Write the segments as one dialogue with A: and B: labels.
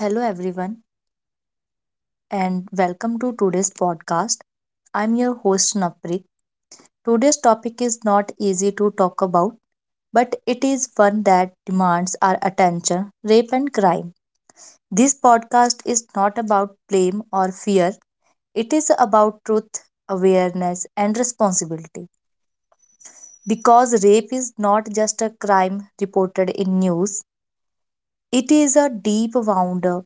A: Hello, everyone, and welcome to today's podcast. I'm your host, Napri. Today's topic is not easy to talk about, but it is one that demands our attention: rape and crime. This podcast is not about blame or fear, it is about truth, awareness, and responsibility. Because rape is not just a crime reported in news, it is a deep wounder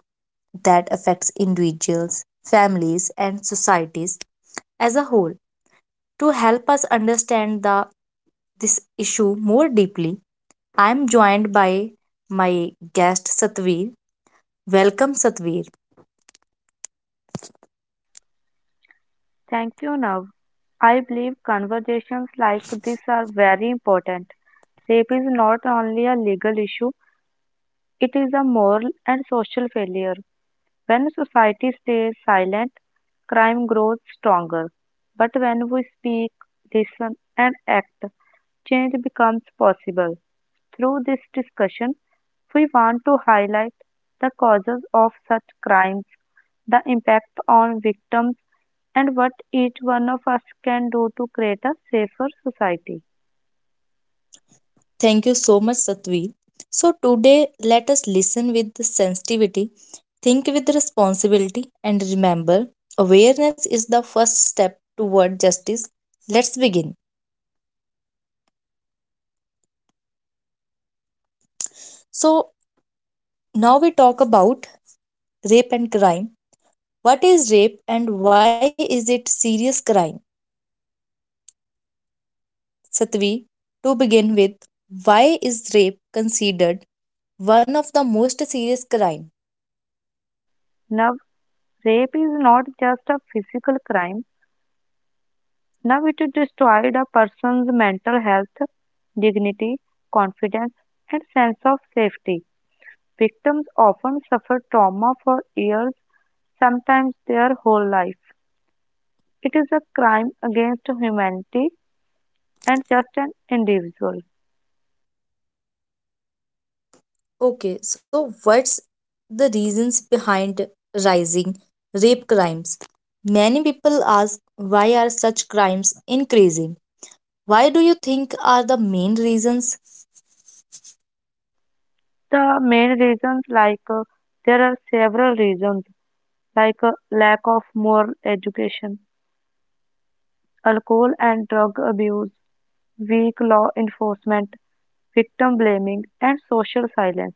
A: that affects individuals, families, and societies as a whole. To help us understand this issue more deeply, I am joined by my guest Satveer. Welcome, Satveer.
B: Thank you, Nav. I believe conversations like this are very important. Rape is not only a legal issue, it is a moral and social failure. When society stays silent, crime grows stronger. But when we speak, listen, and act, change becomes possible. Through this discussion, we want to highlight the causes of such crimes, the impact on victims, and what each one of us can do to create a safer society.
A: Thank you so much, Satveer. So today let us listen with sensitivity, think with responsibility, and remember awareness is the first step toward justice. Let's begin. So, now we talk about rape and crime. What is rape and why is it serious crime? Satvi, to begin with, why is rape considered one of the most serious crime?
B: Now, rape is not just a physical crime, now it destroyed a person's mental health, dignity, confidence, and sense of safety. Victims often suffer trauma for years, sometimes their whole life. It is a crime against humanity and just an individual.
A: Okay, so what's the reasons behind rising rape crimes? Many people ask, why are such crimes increasing? Why do you think are the main reasons?
B: The main reasons, there are several reasons, like lack of moral education, alcohol and drug abuse, weak law enforcement, victim blaming, and social silence.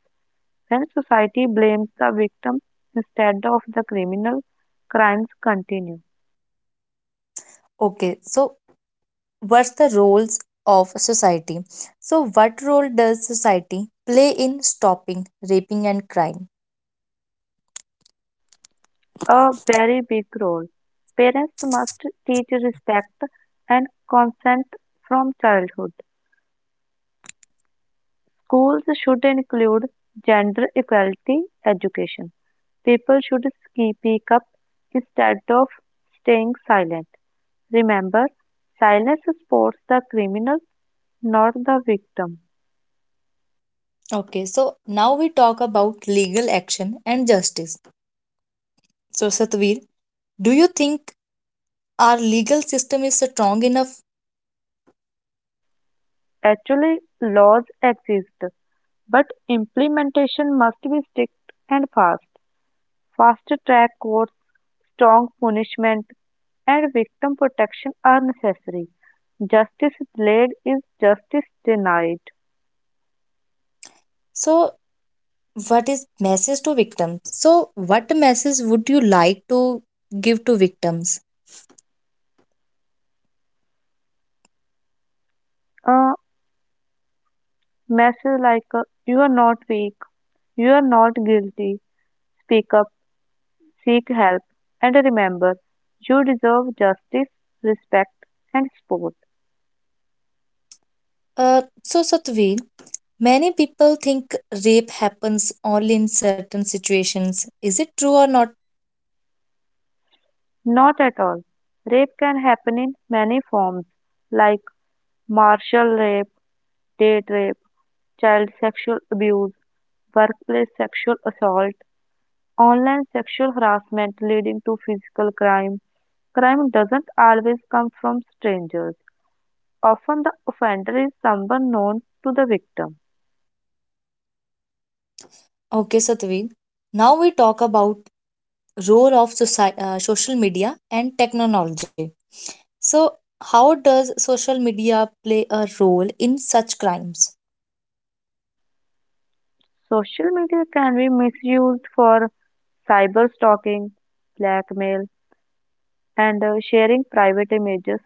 B: When society blames the victim instead of the criminal, crimes continue.
A: Okay, so what's the roles of society? So what role does society play in stopping raping and crime?
B: A very big role. Parents must teach respect and consent from childhood. Schools should include gender equality education. People should speak up instead of staying silent. Remember, silence supports the criminal, not the victim.
A: Okay, so now we talk about legal action and justice. So, Satvir, do you think our legal system is strong enough?
B: Actually, laws exist but implementation must be strict and fast. Fast track courts, strong punishment, and victim protection are necessary. Justice delayed is justice denied.
A: So what is message to victims? So what message would you like to give to victims?
B: A message like you are not weak, you are not guilty, speak up, seek help, and remember you deserve justice, respect, and support.
A: So Satvir, many people think rape happens only in certain situations. Is it true or not?
B: Not at all. Rape can happen in many forms like martial rape, date rape, child sexual abuse, workplace sexual assault, online sexual harassment leading to physical crime. Crime doesn't always come from strangers. Often the offender is someone known to the victim.
A: Okay, Satveen. Now we talk about role of social media and technology. So, how does social media play a role in such crimes?
B: Social media can be misused for cyber stalking, blackmail, and sharing private images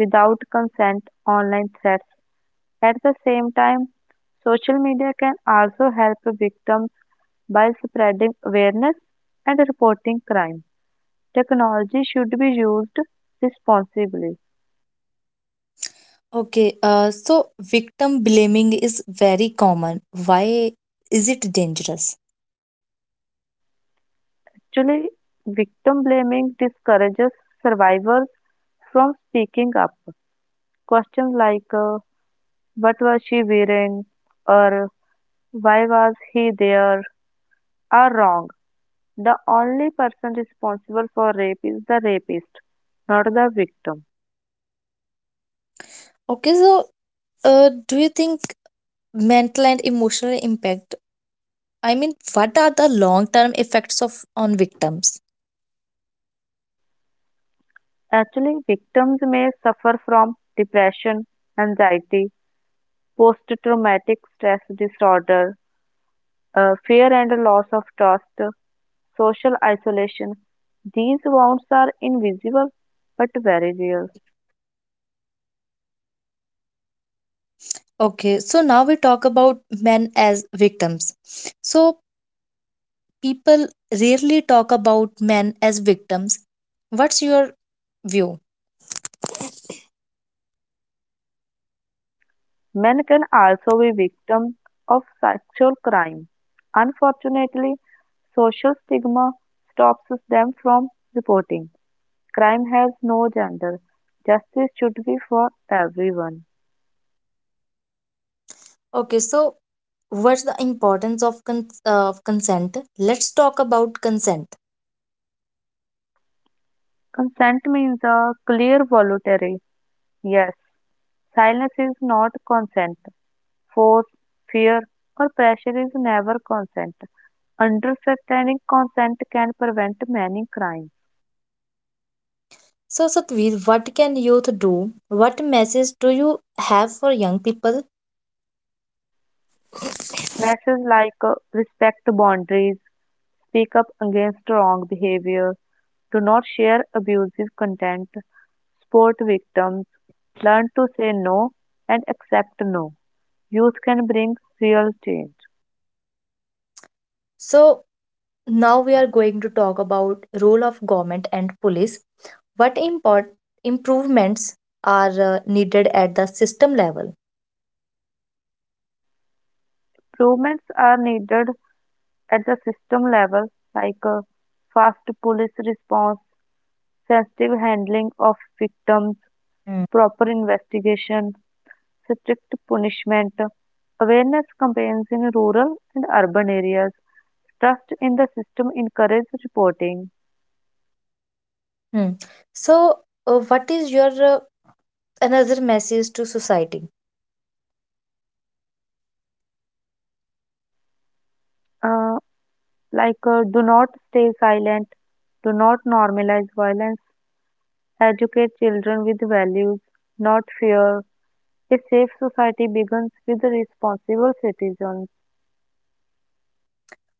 B: without consent, online threats. At the same time, social media can also help victims by spreading awareness and reporting crime. Technology should be used responsibly.
A: Okay, so victim blaming is very common. Why is it dangerous?
B: Actually, victim blaming discourages survivors from speaking up. Questions like what was she wearing or why was he there are wrong. The only person responsible for rape is the rapist, not the victim.
A: Okay, so do you think mental and emotional impact? I mean, what are the long-term effects of on victims?
B: Actually, victims may suffer from depression, anxiety, post-traumatic stress disorder, fear and loss of trust, social isolation. These wounds are invisible but very real.
A: Okay, so now we talk about men as victims. So people rarely talk about men as victims. What's your view?
B: Men can also be victims of sexual crime. Unfortunately, social stigma stops them from reporting. Crime has no gender. Justice should be for everyone.
A: Okay, so what's the importance of of consent? Let's talk about consent.
B: Consent means a clear voluntary yes. Silence is not consent. Force, fear, or pressure is never consent. Understanding consent can prevent many crimes.
A: So, Satveer, what can youth do? What message do you have for young people?
B: Messages like respect boundaries, speak up against wrong behavior, do not share abusive content, support victims, learn to say no and accept no. Youth can bring real change.
A: So, now we are going to talk about role of government and police. What improvements are needed at the system level?
B: Improvements are needed at the system level, like fast police response, sensitive handling of victims,
A: Mm.
B: proper investigation, strict punishment, awareness campaigns in rural and urban areas, trust in the system encourage reporting.
A: Hmm. So, what is your another message to society.
B: Uh, do not stay silent, do not normalize violence, educate children with values, not fear. A safe society begins with responsible citizens.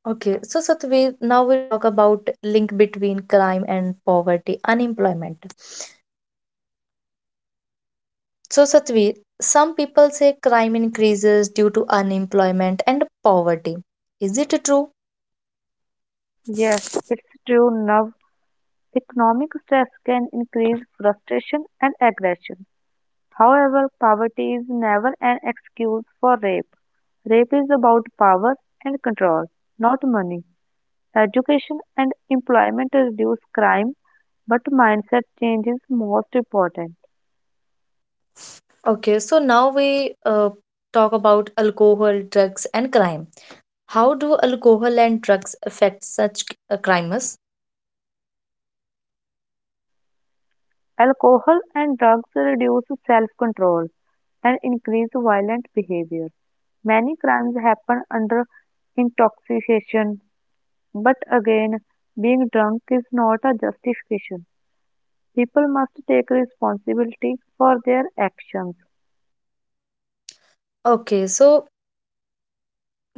A: Okay, so Satveer, now we talk about link between crime and poverty, unemployment. So Satveer, some people say crime increases due to unemployment and poverty. Is it true?
B: Yes, it's true. Now Economic stress can increase frustration and aggression. However, poverty is never an excuse for rape. Rape is about power and control, not money. Education and employment reduce crime, but mindset change is most important.
A: Okay, so now we talk about alcohol, drugs, and crime. How do alcohol and drugs affect such crimes?
B: Alcohol and drugs reduce self control and increase violent behavior. Many crimes happen under intoxication. But again, being drunk is not a justification. People must take responsibility for their actions
A: Okay, so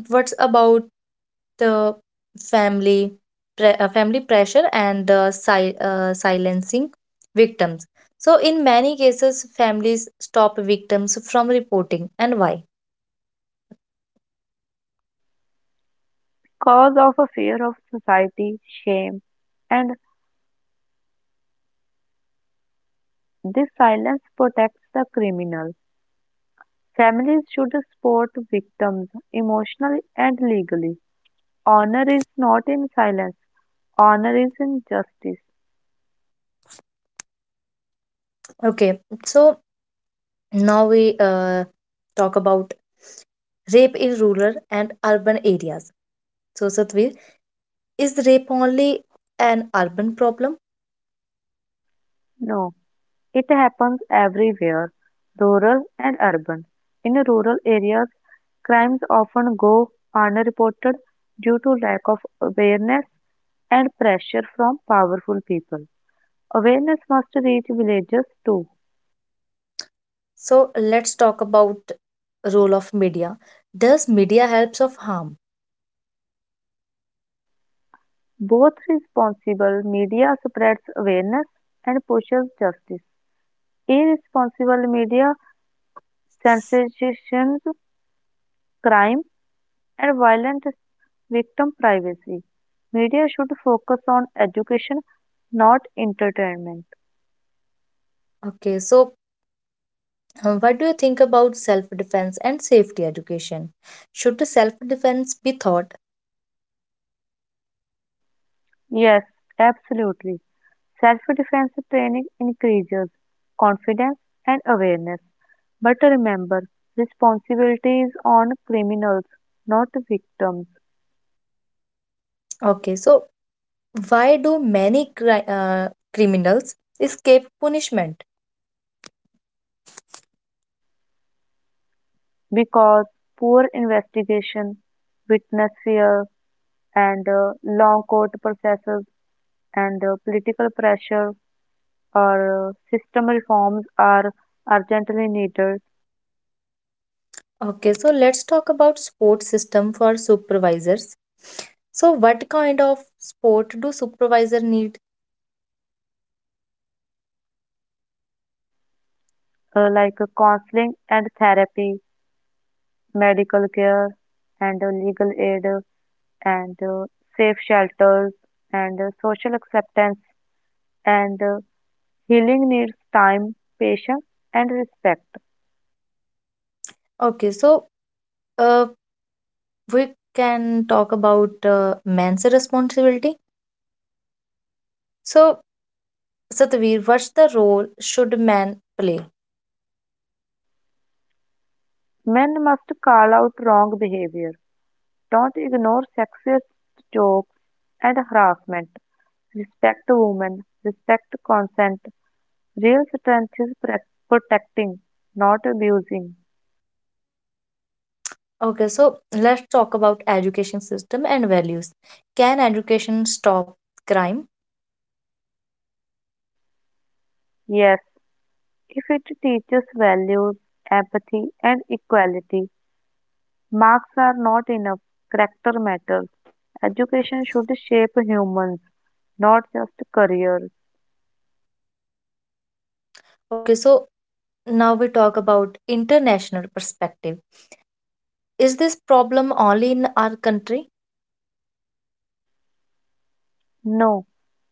A: what's about the family family pressure and the silencing victims? So in many cases families stop victims from reporting, and why?
B: because of a fear of society, shame, and this silence protects the criminal. Families should support victims emotionally and legally. Honor is not in silence, honor is in justice.
A: Okay, so now we talk about rape in rural and urban areas. So, Satvir, is rape only an urban problem?
B: No. It happens everywhere, rural and urban. In rural areas, crimes often go unreported due to lack of awareness and pressure from powerful people. Awareness must reach villages too.
A: So let's talk about role of media. Does media helps of harm?
B: Both responsible media spreads awareness and pushes justice. Irresponsible media sensationalizes crime and violent victim privacy. Media should focus on education, not entertainment.
A: Okay, so what do you think about self defense and safety education? Should self defense be taught?
B: Yes, absolutely. Self defense training increases confidence and awareness. But remember, responsibility is on criminals, not victims,
A: Okay, so why do many criminals escape punishment?
B: because poor investigation, witness fear, and long court processes and political pressure or system reforms are urgently needed.
A: Okay, so let's talk about support system for supervisors. So what kind of support do supervisor need?
B: Counseling and therapy, medical care and legal aid and safe shelters and social acceptance and healing needs time, patience and respect.
A: Okay, so uh, we can talk about man's responsibility. So Satvir, what's the role should man play?
B: Men must call out wrong behavior. Don't ignore sexist jokes and harassment. Respect women. Respect consent. Real strength is protecting, not abusing.
A: Okay, so let's talk about education system and values. Can education stop crime?
B: Yes, if it teaches values, empathy, and equality, marks are not enough. Character matters. Education should shape humans, not just careers.
A: Okay, so now we talk about international perspective. Is this problem only in our country?
B: No,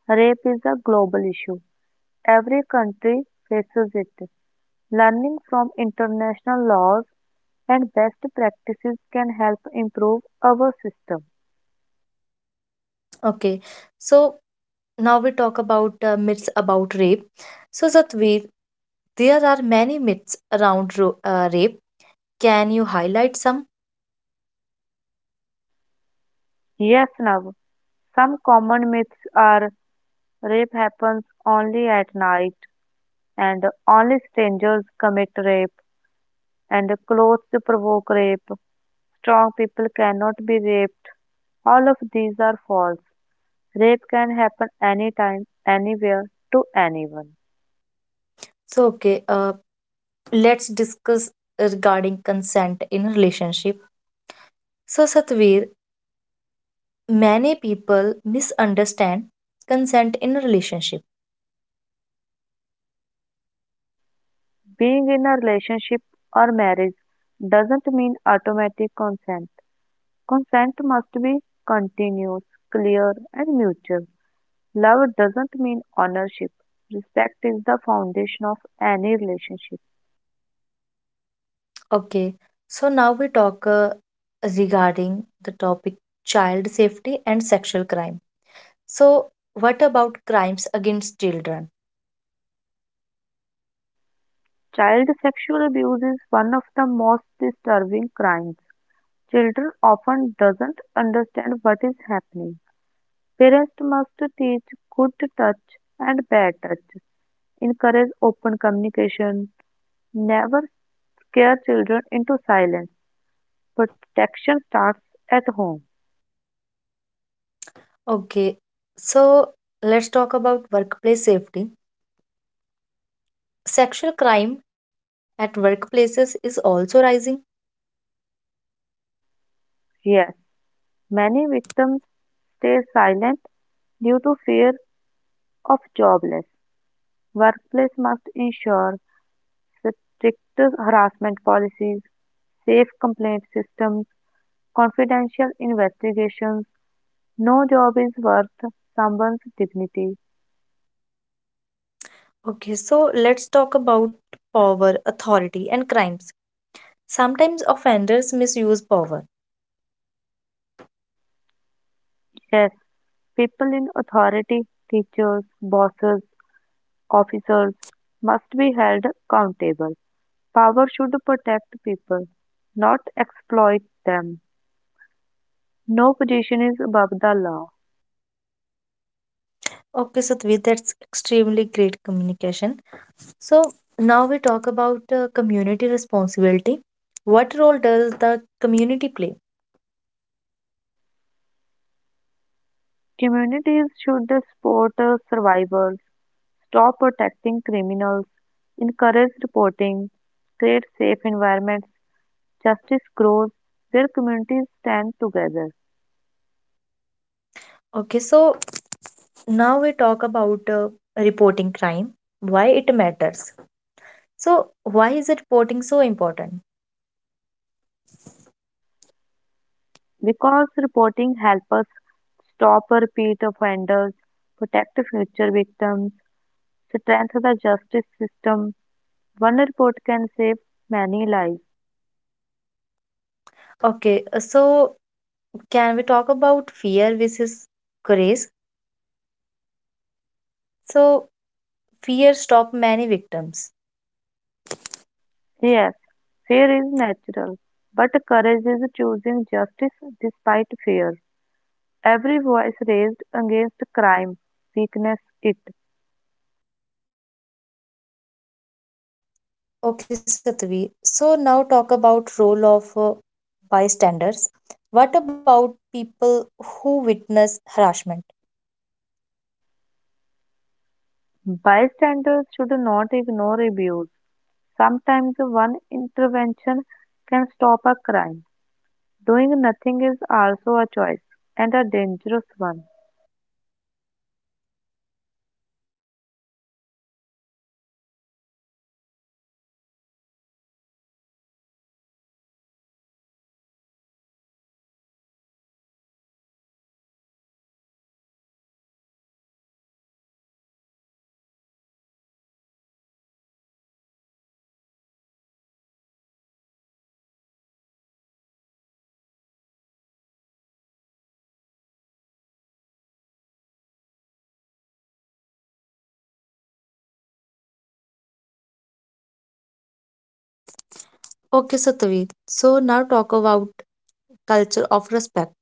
B: rape is a global issue. Every country faces it. Learning from international laws and best practices can help improve our system.
A: Okay, so now we talk about myths about rape. So Satveer, there are many myths around rape. Can you highlight some?
B: Yes, now, some common myths are rape happens only at night and only strangers commit rape, and clothes provoke rape. Strong people cannot be raped. All of these are false. Rape can happen anytime, anywhere, to anyone.
A: So okay, let's discuss regarding consent in relationship. So Satveer, many people misunderstand consent in a relationship.
B: Being in a relationship or marriage doesn't mean automatic consent. Consent must be continuous, clear, and mutual. Love doesn't mean ownership. Respect is the foundation of any relationship.
A: Okay, so now we talk regarding the topic child safety and sexual crime. So what about crimes against children?
B: Child sexual abuse is one of the most disturbing crimes. Children often doesn't understand what is happening. Parents must teach good touch and bad touch. Encourage open communication. Never scare children into silence. Protection starts at home.
A: Okay, so let's talk about workplace safety. Sexual crime at workplaces is also rising.
B: Yes, many victims stay silent due to fear of jobless. Workplace must ensure strict harassment policies, safe complaint systems, confidential investigations. No job is worth someone's dignity.
A: Okay, so let's talk about power, authority, and crimes. Sometimes offenders misuse power.
B: Yes, people in authority, teachers, bosses, officers must be held accountable. Power should protect people, not exploit them. No position is above the law.
A: Okay, Satvi, that's extremely great communication. So now we talk about community responsibility. What role does the community play?
B: Communities should support survivors, stop protecting criminals, encourage reporting, create safe environments, justice grows where communities stand together.
A: Okay, so now we talk about reporting crime, why it matters. So, why is reporting so important?
B: Because reporting helps us stop repeat offenders, protect future victims, strengthen the justice system. One report can save many lives.
A: Okay, so can we talk about fear versus courage? So, fear stop many victims.
B: Yes, fear is natural, but courage is choosing justice despite fear. Every voice raised against crime weakness it.
A: Okay, Satvi. So now talk about role of bystanders. What about people who witness harassment?
B: Bystanders should not ignore abuse. Sometimes one intervention can stop a crime. Doing nothing is also a choice and a dangerous one.
A: Okay, Satvi. So now talk about culture of respect.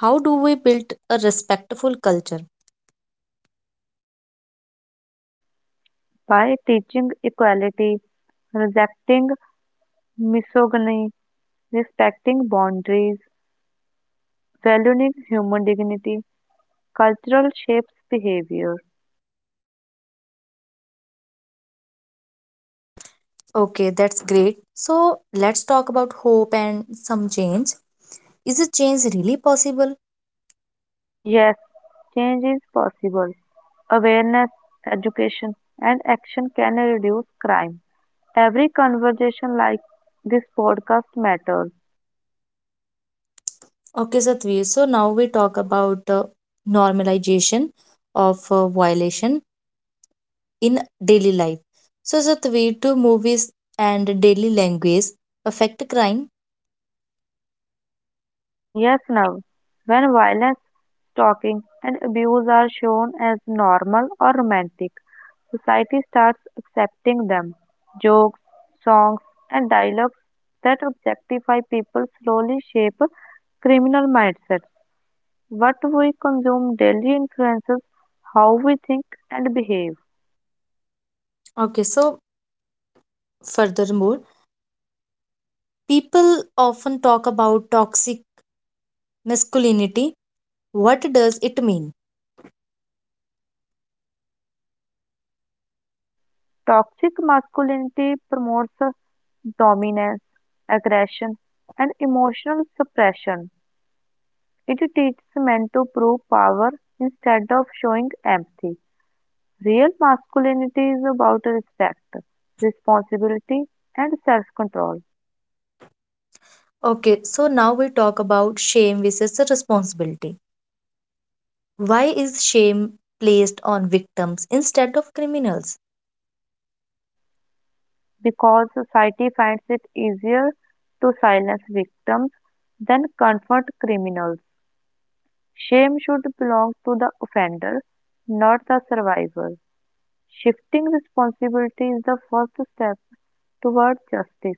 A: How do we build a respectful culture?
B: By teaching equality, rejecting misogyny, respecting boundaries, valuing human dignity, cultural shapes behavior.
A: Okay, that's great. So let's talk about hope and some change. Is a change really possible?
B: Yes, change is possible. Awareness, education, and action can reduce crime. Every conversation like this podcast matters.
A: Okay, Satvi. So now we talk about normalization of violation in daily life. So, Satvi, do movies and daily language affect crime?
B: Yes, now, when violence, stalking, and abuse are shown as normal or romantic, society starts accepting them. Jokes, songs, and dialogues that objectify people slowly shape criminal mindsets. What we consume daily influences how we think and behave.
A: Okay, so furthermore, people often talk about toxic masculinity. What does it mean?
B: Toxic masculinity promotes dominance, aggression, and emotional suppression. It teaches men to prove power instead of showing empathy. Real masculinity is about respect, responsibility, and self control.
A: Okay, so now we talk about shame versus responsibility. Why is shame placed on victims instead of criminals?
B: Because society finds it easier to silence victims than confront criminals. Shame should belong to the offender, not the survivor. Shifting responsibility is the first step toward justice.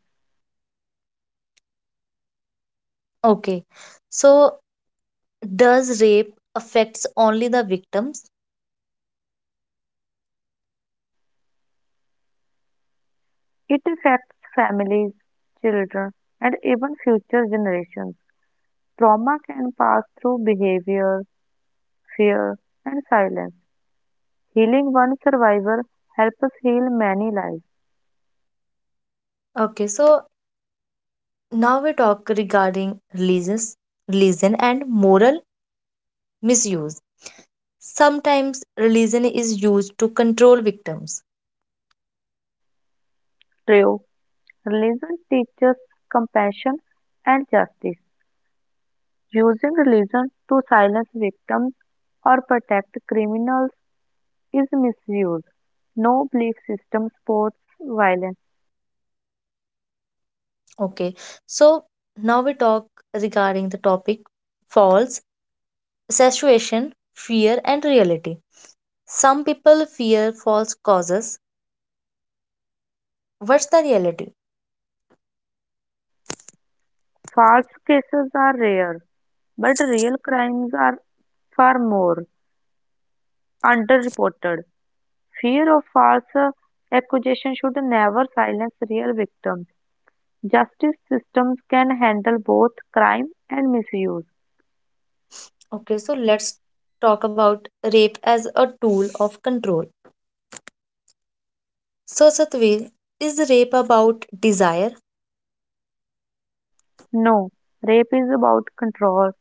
A: Okay, so does rape affects only the victims?
B: It affects families, children, and even future generations. Trauma can pass through behavior, fear, and silence. Healing one survivor helps us heal many lives.
A: Okay, so now we talk regarding religion and moral misuse. Sometimes religion is used to control victims.
B: True, religion teaches compassion and justice. Using religion to silence victims or protect criminals is misuse. No belief system supports violence.
A: Okay, so now we talk regarding the topic false association, fear, and reality. Some people fear false causes. What's the reality?
B: False cases are rare, but real crimes are far more underreported. Fear of false accusation should never silence real victims. Justice systems can handle both crime and misuse.
A: Okay, so let's talk about rape as a tool of control. So, Satveer, is rape about desire?
B: No, rape is about control,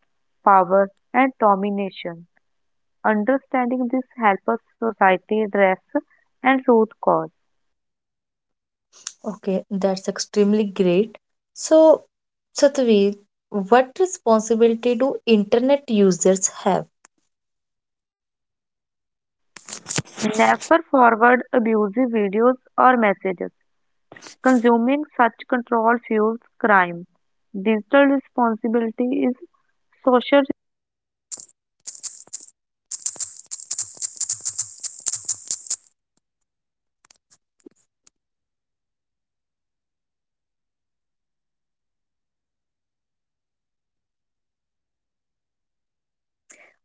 B: power, and domination. Understanding this helps us society address and root cause.
A: Okay, that's extremely great. So, Satveer, what responsibility do internet users have?
B: Never forward abusive videos or messages. Consuming such control fuels crime. Digital responsibility is social.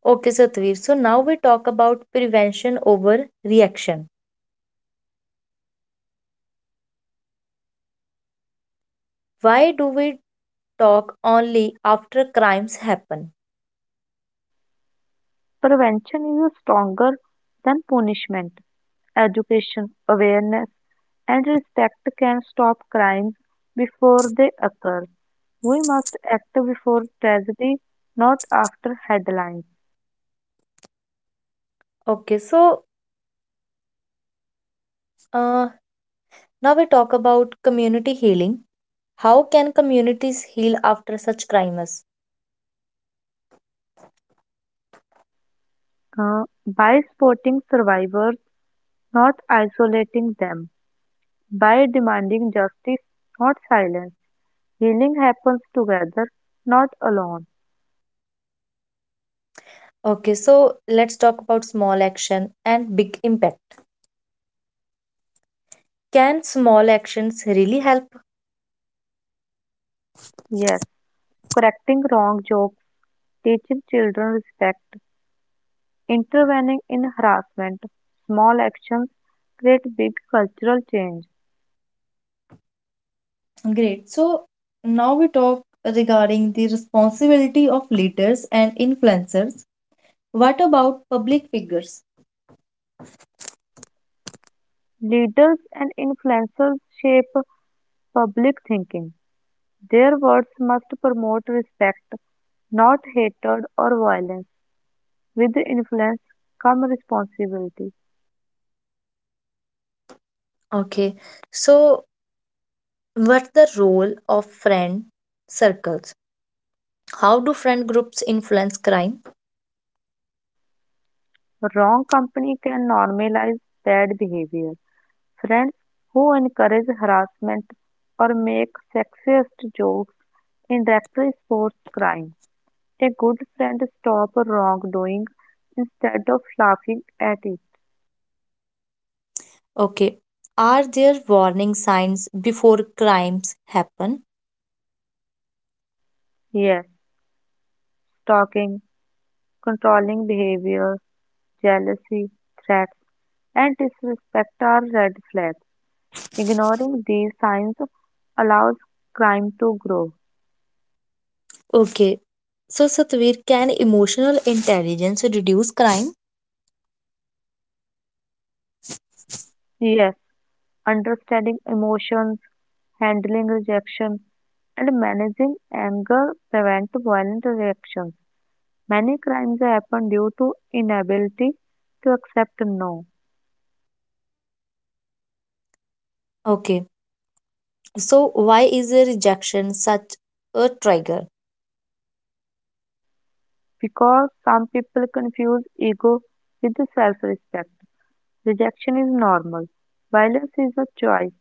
A: Okay, Satveer. So now we talk about prevention over reaction. Why do we talk only after crimes happen?
B: Prevention is stronger than punishment. Education, awareness, and respect can stop crimes before they occur. We must act before tragedy, not after headlines.
A: Okay, so uh, now we talk about community healing. How can communities heal after such crimes?
B: By supporting survivors, not isolating them. By demanding justice, not silence. Healing happens together, not alone.
A: Okay, so let's talk about small action and big impact. Can small actions really help?
B: Yes, correcting wrong jokes, teaching children respect, intervening in harassment, small actions create big cultural change.
A: Great. So now we talk regarding the responsibility of leaders and influencers. What about public figures?
B: Leaders and influencers shape public thinking. Their words must promote respect, not hatred or violence. With influence come responsibility.
A: Okay, so what's the role of friend circles? How do friend groups influence crime?
B: Wrong company can normalize bad behavior. Friends who encourage harassment or make sexist jokes indirectly support crime. A good friend stops wrongdoing instead of laughing at it.
A: Okay, are there warning signs before crimes happen?
B: Yes, stalking, controlling behavior, jealousy, threats, and disrespect are red flags. Ignoring these signs allows crime to grow.
A: Okay, so Satvir, can emotional intelligence reduce crime?
B: Yes, understanding emotions, handling rejection, and managing anger prevent violent reactions. Many crimes happen due to inability to accept no.
A: Okay, so why is a rejection such a trigger?
B: Because some people confuse ego with self respect. Rejection is normal, violence is a choice.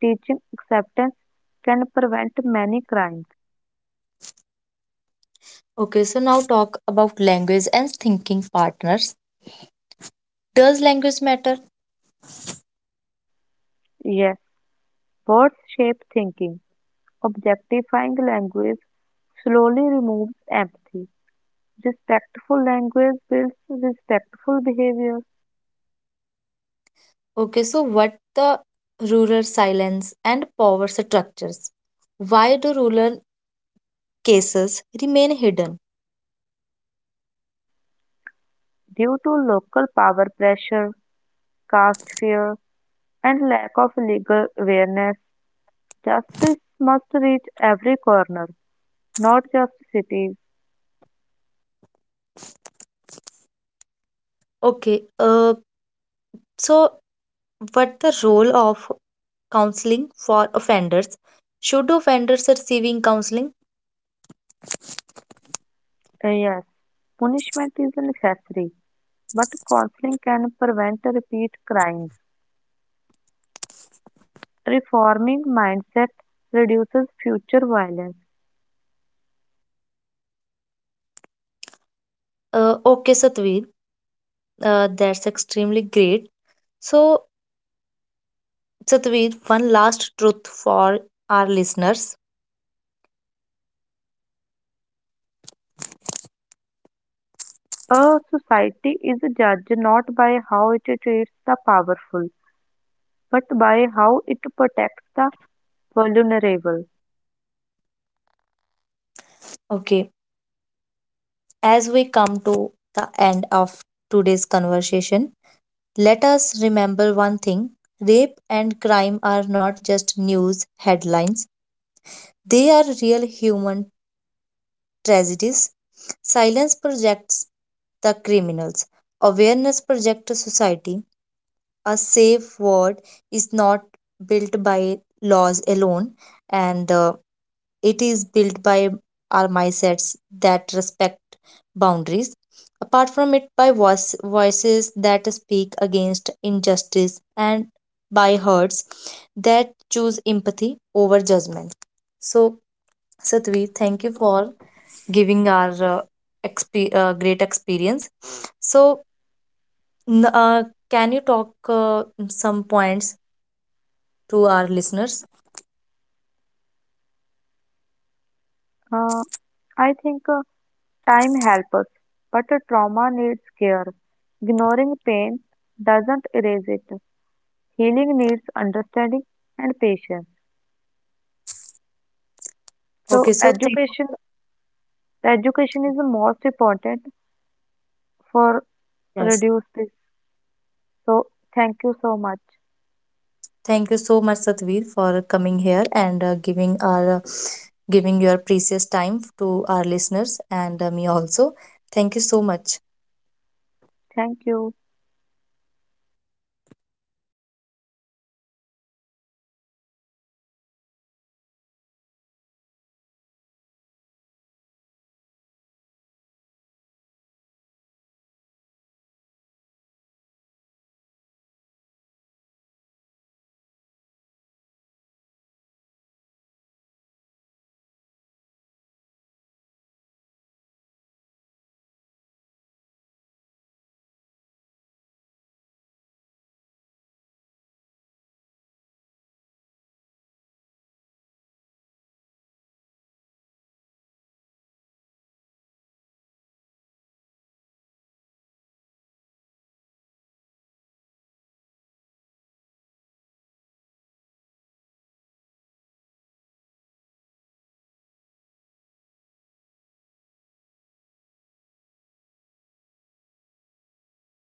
B: Teaching acceptance can prevent many crimes.
A: Okay, so now talk about language and thinking partners. Does language matter?
B: Yes, words shape thinking. Objectifying language slowly removes empathy. Respectful language builds respectful behavior.
A: Okay, so what the rural silence and power structures? Why do rural cases remain hidden?
B: Due to local power pressure, caste fear, and lack of legal awareness, justice must reach every corner. Not just cities.
A: Okay, so what the role of counseling for offenders? Should offenders receiving counseling?
B: Yes, punishment is a necessary, but counseling can prevent repeat crimes. Reforming mindset reduces future violence.
A: Okay, Satveer, that's extremely great. So, Satveer, one last truth for our listeners.
B: A society is judged not by how it treats the powerful, but by how it protects the vulnerable.
A: Okay, as we come to the end of today's conversation, let us remember one thing: rape and crime are not just news headlines, they are real human tragedies. Silence projects the criminals, awareness projects society. A safe word is not built by laws alone, and it is built by our mindsets that respect boundaries, apart from it, by voices that speak against injustice, and by hearts that choose empathy over judgment. So, Satvi, thank you for giving our great experience. So, n- uh, can you talk some points to our listeners?
B: Uh, I think time helps us, but trauma needs care. Ignoring pain doesn't erase it. Healing needs understanding and patience.
A: Okay,
B: So
A: so thank
B: education is the most important for
A: yes.
B: reduce this. So thank you so much.
A: Thank you so much, Satvir, for coming here and giving our giving your precious time to our listeners and me also. Thank you so much.
B: Thank you.